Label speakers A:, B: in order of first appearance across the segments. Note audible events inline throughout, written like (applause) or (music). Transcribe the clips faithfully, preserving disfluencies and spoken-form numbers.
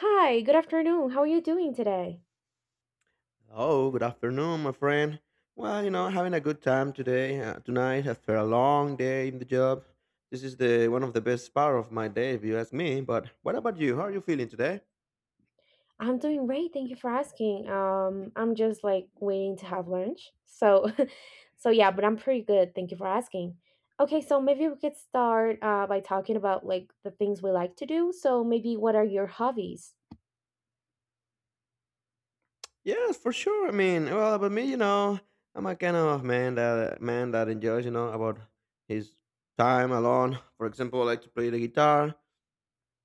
A: Hi, good afternoon. How are you doing today?
B: Oh, good afternoon, my friend. Well, you know, having a good time today, uh, tonight after a long day in the job. This is the one of the best part of my day, if you ask me. But what about you? How are you feeling today?
A: I'm doing great. Thank you for asking. Um, I'm just like waiting to have lunch. So, (laughs) so yeah, but I'm pretty good. Thank you for asking. Okay, so maybe we could start uh, by talking about like the things we like to do. So maybe what are your hobbies?
B: Yes, for sure. I mean, well, about me, you know, I'm a kind of man that man that enjoys, you know, about his time alone. For example, I like to play the guitar.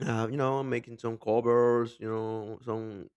B: Uh, you know, making some covers, you know, some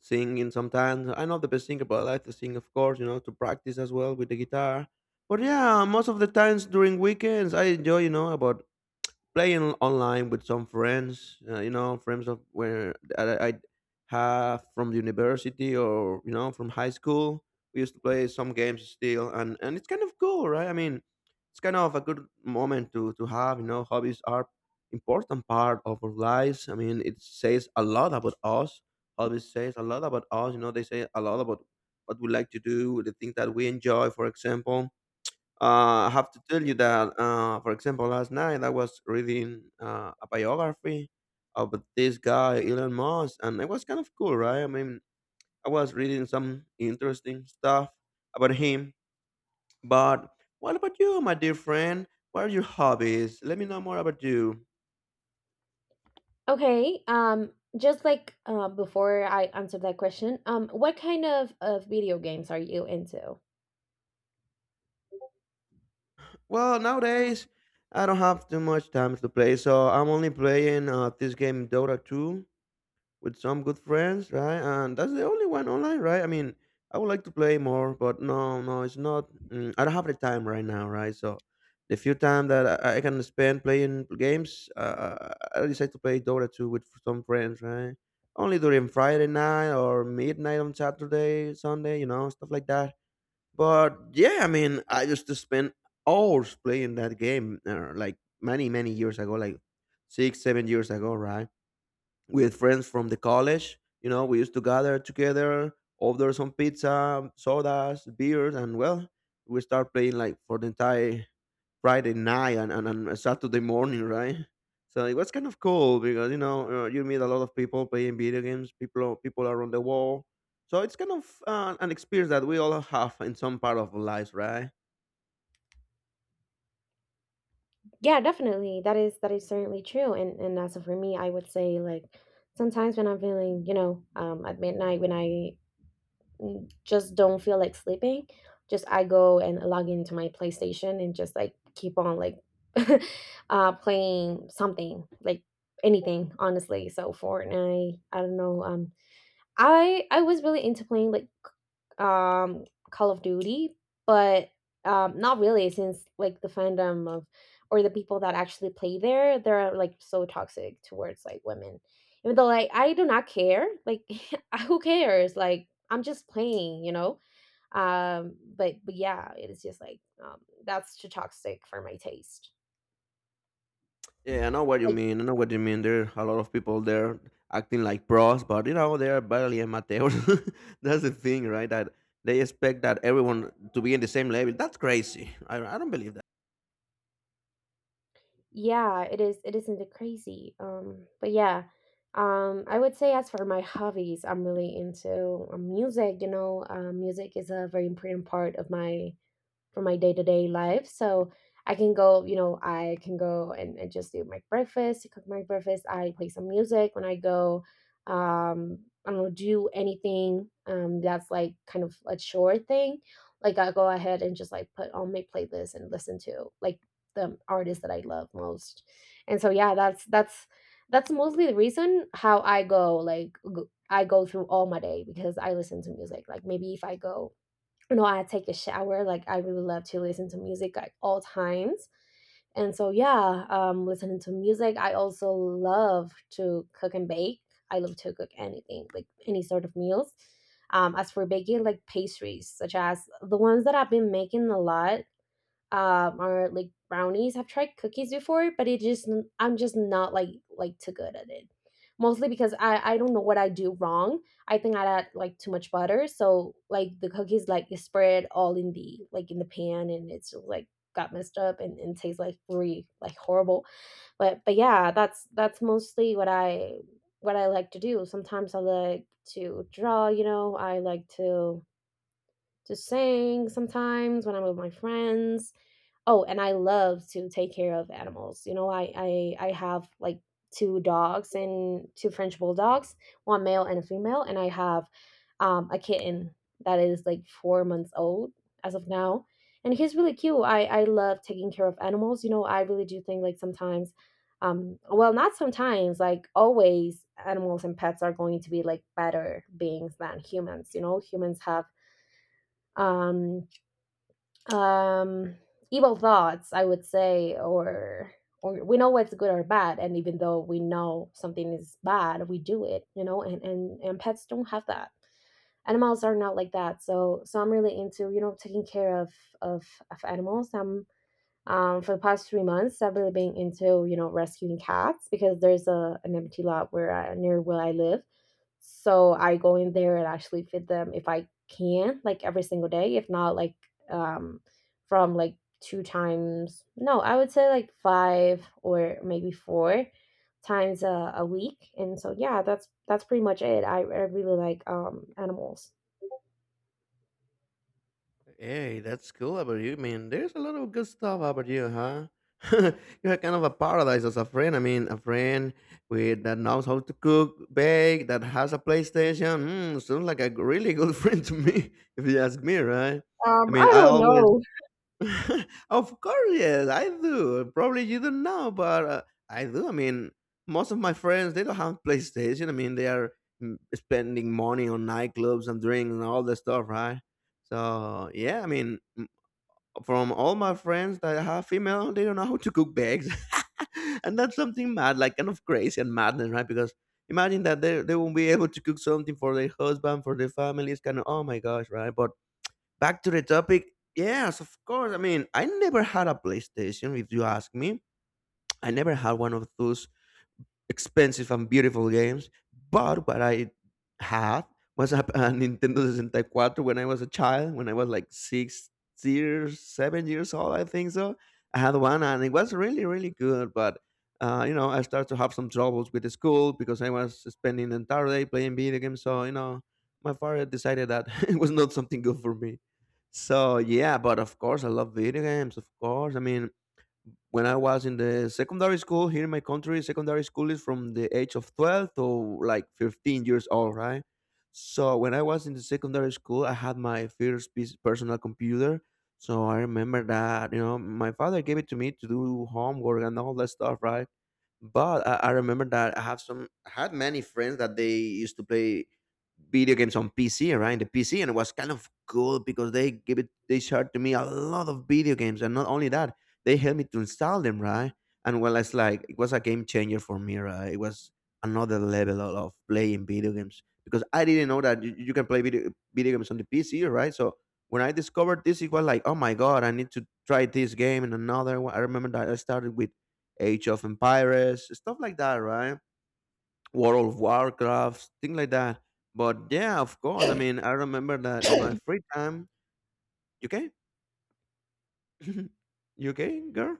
B: singing sometimes. I'm not the best singer, but I like to sing, of course, you know, to practice as well with the guitar. But yeah, most of the times during weekends, I enjoy, you know, about playing online with some friends, uh, you know, friends of where that I, I have from the university or you know from high school. We used to play some games still, and and it's kind of cool, right? I mean, it's kind of a good moment to to have. You know, hobbies are important part of our lives. I mean, it says a lot about us. Hobbies says a lot about us. You know, they say a lot about what we like to do, the things that we enjoy, for example uh, I have to tell you that, uh, for example, last night I was reading uh, a biography of this guy, Elon Musk, and it was kind of cool, right? I mean, I was reading some interesting stuff about him. But what about you, my dear friend? What are your hobbies? Let me know more about you.
A: Okay, um, just like uh, before I answer that question, um, what kind of, of video games are you into?
B: Well, nowadays I don't have too much time to play, so I'm only playing uh, this game Dota two. With some good friends, right? And that's the only one online, right? I mean, I would like to play more, but no, no, it's not. Mm, I don't have the time right now, right? So the few time that I, I can spend playing games, uh, I decide to play Dota two with some friends, right? Only during Friday night or midnight on Saturday, Sunday, you know, stuff like that. But yeah, I mean, I used to spend hours playing that game, uh, like many, many years ago, like six, seven years ago, right? With friends from the college. You know, we used to gather together, order some pizza, sodas, beers, and well, we start playing like for the entire Friday night and, and, and Saturday morning, (laughs) right? So it was kind of cool because you know uh, you meet a lot of people playing video games, people people around the world. So it's kind of uh, an experience that we all have in some part of our lives, right?
A: Yeah, definitely. That is that is certainly true. And and as for me, I would say like sometimes when I'm feeling, you know, um, at midnight when I mm, just don't feel like sleeping, just I go and log into my PlayStation and just like keep on like (laughs) uh playing something like anything, honestly. So Fortnite, I don't know. Um i i was really into playing like um Call of Duty, but um not really, since like the fandom of, or the people that actually play there, they're like so toxic towards like women. Even though like I do not care, like (laughs) who cares? Like I'm just playing, you know. Um, but but yeah, it is just like um that's too toxic for my taste.
B: Yeah, I know what you
A: Like,
B: mean. I know what you mean. There are a lot of people there acting like pros, but you know they are barely amateurs. (laughs) That's the thing, right? That they expect that everyone to be in the same level. That's crazy. I, I don't believe that.
A: yeah, it is it isn't that crazy, um, but yeah, um, I would say as for my hobbies, I'm really into, um, music, you know. Um, music is a very important part of my, for my day-to-day life. So I can go, you know, I can go and, and just do my breakfast, cook my breakfast. I play some music when I go, um I don't know, do anything, um that's like kind of a chore thing. Like I go ahead and just like put on my playlist and listen to like the artists that I love most. And so yeah, that's that's that's mostly the reason how I go, like g- I go through all my day, because I listen to music. Like maybe if I go, no, I take a shower, like I really love to listen to music at all times. And so yeah, um, listening to music. I also love to cook and bake. I love to cook anything, like any sort of meals. Um, as for baking, like pastries, such as the ones that I've been making a lot, um or like brownies. I've tried cookies before, but it just, I'm just not like, like too good at it. Mostly because I I don't know what I do wrong. I think I add like too much butter, so like the cookies like is spread all in the, like in the pan, and it's just, like, got messed up and, and tastes like really like horrible. But but yeah, that's that's mostly what I, what I like to do. Sometimes I like to draw, you know. I like to to sing sometimes when I'm with my friends. Oh, and I love to take care of animals. You know, I I I have like two dogs and two French bulldogs, one male and a female, and I have, um, a kitten that is like four months old as of now, and he's really cute. I I love taking care of animals. You know, I really do think like sometimes, um, well, not sometimes, like always, animals and pets are going to be like better beings than humans. You know, humans have, um um evil thoughts, I would say, or or we know what's good or bad, and even though we know something is bad, we do it, you know, and and, and pets don't have that. Animals are not like that. So so I'm really into, you know, taking care of, of, of animals. I'm um, For the past three months, I've really been into, you know, rescuing cats, because there's a, an empty lot where I, near where I live. So I go in there and actually feed them if I can, like every single day. If not, like, um, from like two times, no, I would say like five or maybe four times a, a week. And so yeah, that's that's pretty much it. I, I really like um animals.
B: Hey, that's cool about you. I mean, there's a lot of good stuff about you, huh? (laughs) You're kind of a paradise as a friend. I mean, a friend with that knows how to cook, bake, that has a PlayStation. Mm, sounds like a really good (laughs) friend to me, if you ask me, right? I
A: Um,
B: mean,
A: I
B: I
A: don't
B: always
A: know.
B: (laughs) of course, yes, I do. Probably you don't know, but uh, I do. I mean, most of my friends they don't have (laughs) PlayStation. I mean, they are mm, spending money on nightclubs and drinks and all that stuff, right? So yeah, I mean, mm, from all my friends that I have female, they don't know how to cook bags, (laughs) and that's something mad, like kind of crazy and madness, right? Because imagine that they they won't be able to cook something for their husband, for their family. It's kind of oh my gosh, right? But back to the topic. Yes, of course. I mean, I never had a PlayStation. If you ask me, I never had one of those expensive and beautiful games. But what I had was a, a Nintendo sixty-four when I was a child, when I was like six years, seven years old, I think so. I had one and it was really, really good. But, uh, you know, I started to have some troubles with the school because I was spending the entire day playing video games. So, you know, my father decided that (laughs) it was not something good for me. So yeah, but of course I love video games. Of course, I mean when I was in the secondary school here in my country, secondary school is from the age of twelve to like fifteen years old, right? So when I was in the secondary school, I had my first piece- personal computer. So I remember that, you know, my father gave it to me to do homework and all that stuff, right? But I, I remember that I have some I had many friends that they used to play video games on P C, right? The P C, and it was kind of cool because they give it, they shared to me a lot of video games, and not only that, they helped me to install them, right? And well, it's like it was a game changer for me, right? It was another level of of playing video games because I didn't know that you, you can play video video games on the P C, right? So when I discovered this, it was like, oh my god, I need to try this game and another one. I remember that I started with Age of Empires, stuff like that, right? World of Warcraft, things like that. But yeah, of course. I mean, I remember that in my free time. You okay? Okay, (laughs) girl?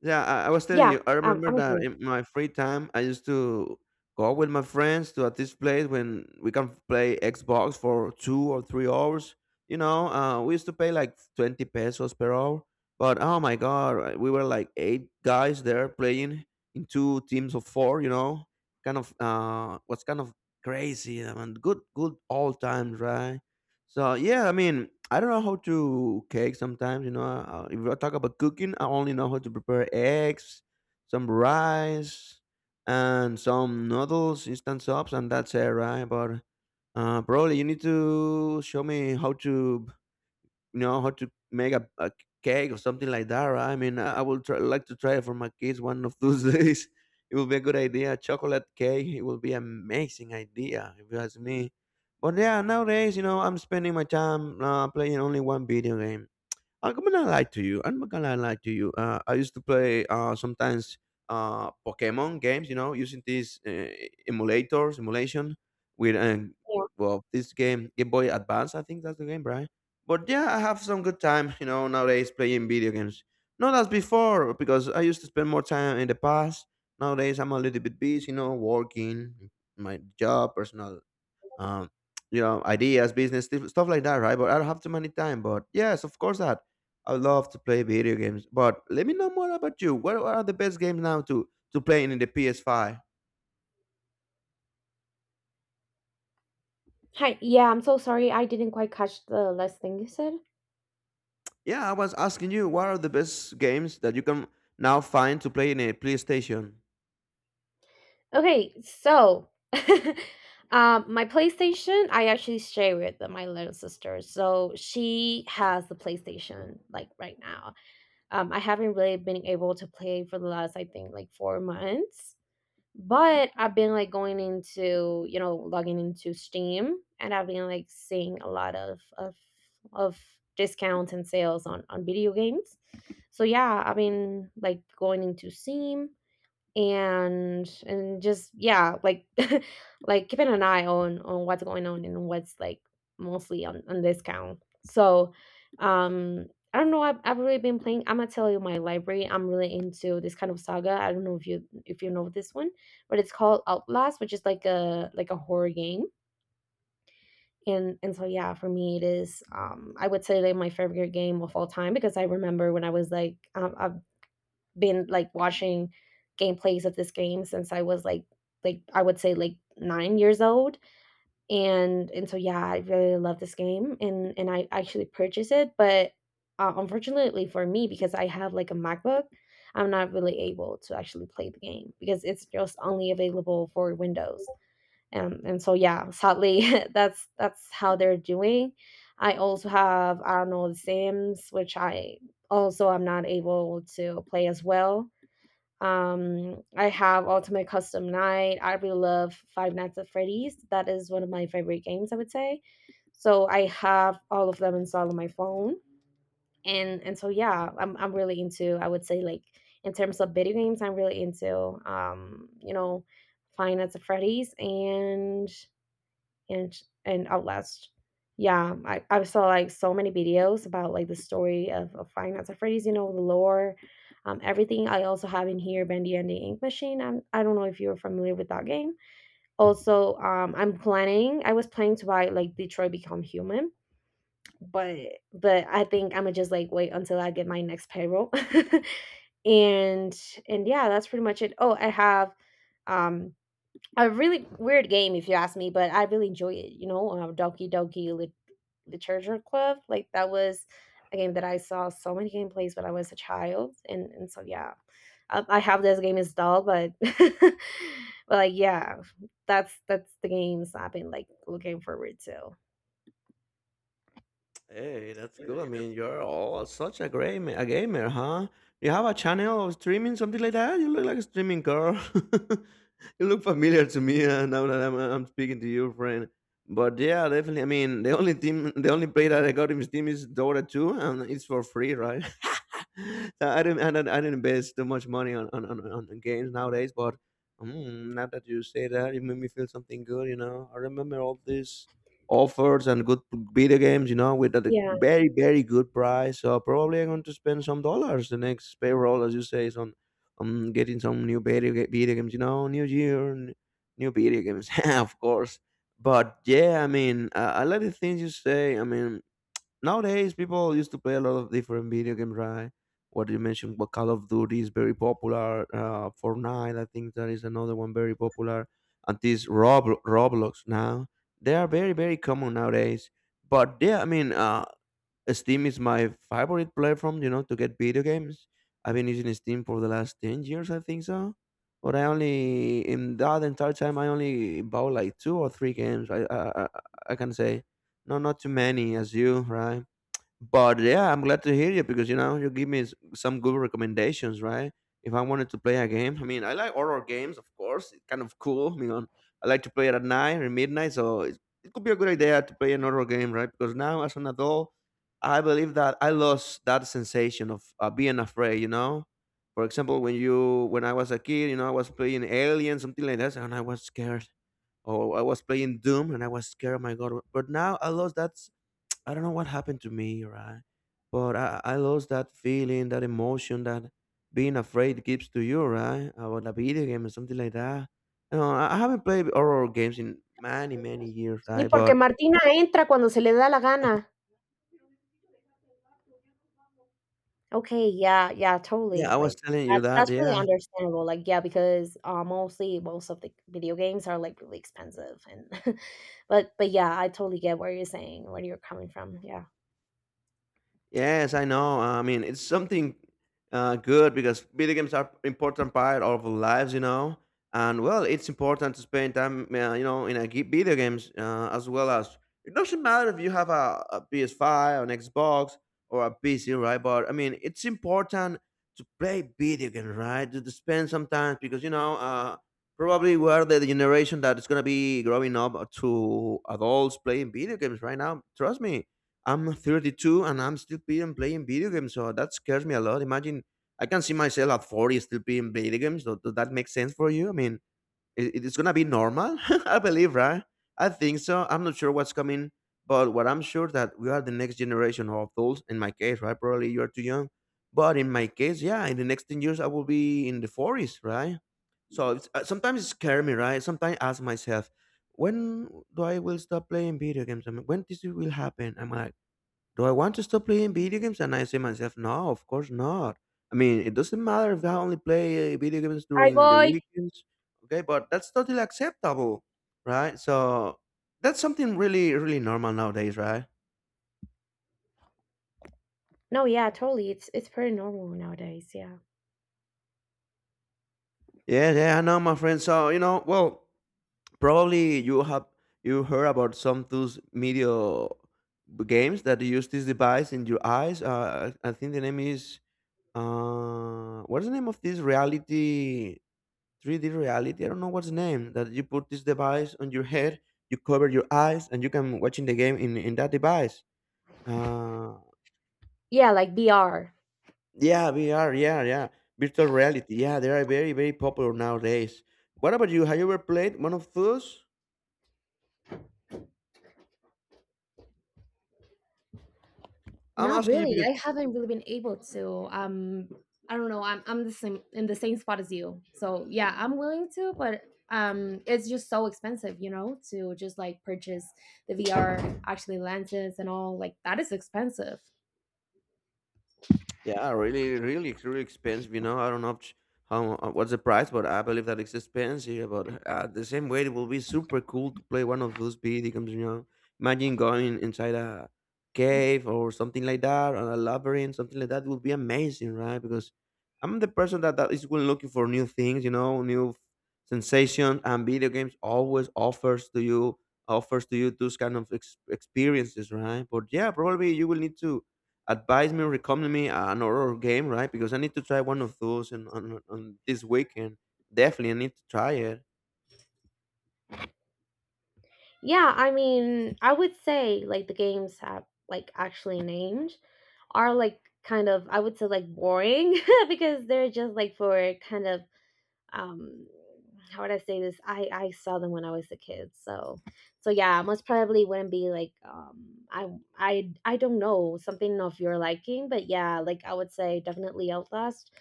B: Yeah, I, I was telling
A: Yeah,
B: you. I
A: um,
B: remember
A: I'm
B: that
A: here.
B: in my free time, I used to go with my friends to a this place when we can play Xbox for two or three hours. You know, uh, we used to pay like twenty pesos per hour. But oh my god, uh, we were like eight guys there playing in two teams of four. You know, kind of uh, was kind of crazy and good, good all times, right? So yeah, I mean, I don't know how to cake sometimes. You know, uh, if I talk about cooking, I only know how to prepare eggs, some rice, and some noodles, instant soups, and that's it, right? But uh, probably you need to show me how to know how to make a, a cake or something like that, right? I mean, I, I will try, like to try it for my kids one of those (laughs) days. It will be a good idea. Chocolate cake, it will be amazing idea if you ask me. But yeah, nowadays, you know, I'm spending my time uh, playing only one video game. I'm gonna lie to you. I'm not gonna lie to you. Uh, I used to play uh, sometimes uh, Pokemon games, you know, using these uh, emulators, emulation with um,
A: Yeah.
B: well, this game Game Boy Advance. I think that's the game, right? But yeah, I have some good time, you know, nowadays playing video games. Not as before because I used to spend more time in the past. Nowadays, I'm a little bit busy, you know, working, my job, personal um, you know, ideas, business, stuff stuff like that, right? But I don't have too many time. But yes, of course, that I love to play video games. But let me know more about you. What, what are the best games now to to play in the P S five?
A: Hi. Yeah, I'm so sorry. I didn't quite catch the last thing you said.
B: Yeah, I was asking you what are the best games that you can now find to play in a PlayStation.
A: Okay, so (laughs) um, my PlayStation, I actually share with my little sister. So she has the PlayStation like right now. Um, I haven't really been able to play for the last, I think, like four months. But I've been like going into, you know, logging into Steam, and I've been like seeing a lot of of of discounts and sales on on video games. So yeah, I've been like going into Steam and and just yeah, like (laughs) like keeping an eye on on what's going on and what's like mostly on on discount. So um I don't know. i've, I've really been playing, I'm gonna tell you, my library. I'm really into this kind of saga. I don't know if, you if you know this one, but it's called Outlast, which is like a, like a horror game. and and so yeah, for me it is, um I would say like my favorite game of all time. Because I remember when I was like, um, I, been like watching gameplays of this game since I was like like I would say like nine years old. And and so yeah, I really love this game, and and I actually purchased it, but uh, unfortunately for me, because I have like a MacBook, I'm not really able to actually play the game, because it's just only available for Windows. Um, and so yeah, sadly, (laughs) that's that's how they're doing. I also have, I don't know, the Sims, which I also am not able to play as well. um, I have Ultimate Custom Night. I really love Five Nights at Freddy's. That is one of my favorite games, I would say. So I have all of them installed on my phone. And and so yeah, I'm I'm really into, I would say like, in terms of video games, I'm really into um, you know, Five Nights at Freddy's and and and Outlast. Yeah, I, I saw like so many videos about like the story of, of Five Nights at Freddy's, you know, the lore, um, everything. I also have in here Bendy and the Ink Machine. I'm, I don't know if you're familiar with that game. Also, um, I'm planning, I was planning to buy like Detroit Become Human, but but I think I'm gonna just like wait until I get my next payroll. (laughs) and and yeah, that's pretty much it. Oh, I have um a really weird game if you ask me, but I really enjoy it. You know, uh, Donkey Donkey Lit- Literature Club. Like, that was a game that I saw so many gameplays when I was a child. and and so yeah, I, I have this game installed, but (laughs) but like yeah, that's that's the games I've been like looking forward to.
B: Hey, that's cool. I mean, you're all such a great ma- a gamer, huh? You have a channel of streaming, something like that. You look like a streaming girl. (laughs) You look familiar to me uh, now that I'm, uh, I'm speaking to you, friend. But yeah, definitely. I mean, the only team, the only play that I got in Steam is Dota two, and it's for free, right? (laughs) So I didn't, I didn't, I didn't invest too much money on on, on, on games nowadays. But mm, now that you say that, you made me feel something good. You know, I remember all this offers and good video games, you know, with a
A: Yeah,
B: very, very good price. So probably I'm going to spend some dollars the next payroll, as you say, is on Um, getting some new video, ga- video games, you know, new year, n- new video games, (laughs) of course. But yeah, I mean, uh, I like the things you say. I mean, nowadays, people used to play a lot of different video games, right? What you mentioned, what Call of Duty is very popular. Uh, Fortnite, I think that is another one very popular. And these Rob Roblox now, they are very very common nowadays. But yeah, I mean, uh, Steam is my favorite platform, you know, to get video games. I've been using Steam for the last ten years, I think so. But I only in that entire time I only bought like two or three games. I I I, I I can say, no, not too many as you, right? But yeah, I'm glad to hear you because you know you give me s- some good recommendations, right? If I wanted to play a game, I mean, I like horror games, of course. It's kind of cool. I mean, I like to play it at night or midnight, so it, it could be a good idea to play an horror game, right? Because now, as an adult, I believe that I lost that sensation of uh, being afraid. You know, for example, when you when I was a kid, you know, I was playing Alien, something like that, and I was scared, or I was playing Doom, and I was scared. Oh my god! But now I lost that. I don't know what happened to me, right? But I, I lost that feeling, that emotion that being afraid gives to you, right? About a video game or something like that. You know, I I haven't played horror games in many, many years,
A: y
B: right?
A: porque
B: But
A: Martina entra cuando se le da la gana. Okay, yeah, yeah,
B: yeah,
A: totally.
B: I was
A: Like
B: telling you
A: that's
B: that,
A: that's really
B: yeah.
A: understandable. Like yeah, because uh, mostly most of the video games are like really expensive and (laughs) but but yeah, I totally get where you're saying, where you're coming from. Yeah.
B: Yes, I know. uh, I mean, it's something uh, good because video games are important part of our lives, you know. And well, it's important to spend time, uh, you know, in a ge- video games uh, as well as it doesn't matter if you have a, P S five or an Xbox or a P C, right? But I mean, it's important to play video games, right? To, to spend some time because you know, uh, probably we are the generation that is gonna be growing up to adults playing video games right now. Trust me, I'm thirty-two and I'm still playing playing video games, so that scares me a lot. Imagine I can see myself at forty still playing video games. So does that make sense for you? I mean, i- it's gonna be normal, (laughs) I believe, right? I think so. I'm not sure what's coming, but what I'm sure that we are the next generation of adults. In my case, right? Probably you are too young, but in my case, yeah, in the next ten years, I will be in the forties, right? So it's, uh, sometimes it scares me, right? Sometimes I ask myself, when do I will stop playing video games? I mean, when this will happen? Am I do I want to stop playing video games? And I say myself, no, of course not. I mean, it doesn't matter if I only play uh, video games
A: Hi,
B: during the
A: boy.
B: weekends, okay? But that's totally acceptable, right? So that's something really, really normal nowadays, right?
A: No, yeah, totally. It's it's pretty normal nowadays. Yeah.
B: Yeah, yeah, I know, my friend. So you know, well, probably you have you heard about some those media games that use this device in your eyes. Uh, I I think the name is uh, what's the name of this reality? three D reality. I don't know what's the name that you put this device on your head, you cover your eyes, and you can watching the game in in that device. Uh,
A: Yeah, like B R.
B: yeah, V R. Yeah, yeah, virtual reality. Yeah, they are very very popular nowadays. What about you? Have you ever played one of those? I'm
A: Not
B: asking you
A: really.
B: because.
A: I haven't really been able to. Um, I don't know. I'm I'm the same, in the same spot as you. So yeah, I'm willing to, but um, it's just so expensive, you know, to just like purchase the V R actually lenses and all. Like that is expensive.
B: Yeah, really, really, really expensive. You know, I don't know if- how uh, what's the price, but I believe that it's expensive. But uh, the same way, it will be super cool to play one of those video games. You know, imagine going inside a cave or something like that, or a labyrinth, something like that would be amazing, right? Because I'm the person that, that is going looking for new things. You know, new sensations, and video games always offers to you offers to you those kind of ex- experiences, right? But yeah, probably you will need to advise me, recommend me an horror game, right? Because I need to try one of those and on, on on this weekend. Definitely, I need to try it.
A: Yeah, I mean, I would say like the games have like actually named, are like kind of, I would say, like boring (laughs) because they're just like for kind of um how would I say this? I I saw them when I was a kid. So so yeah, most probably wouldn't be like um I I I don't know, something of your liking. But yeah, like I would say definitely Outlast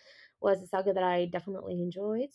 A: was a saga that I definitely enjoyed.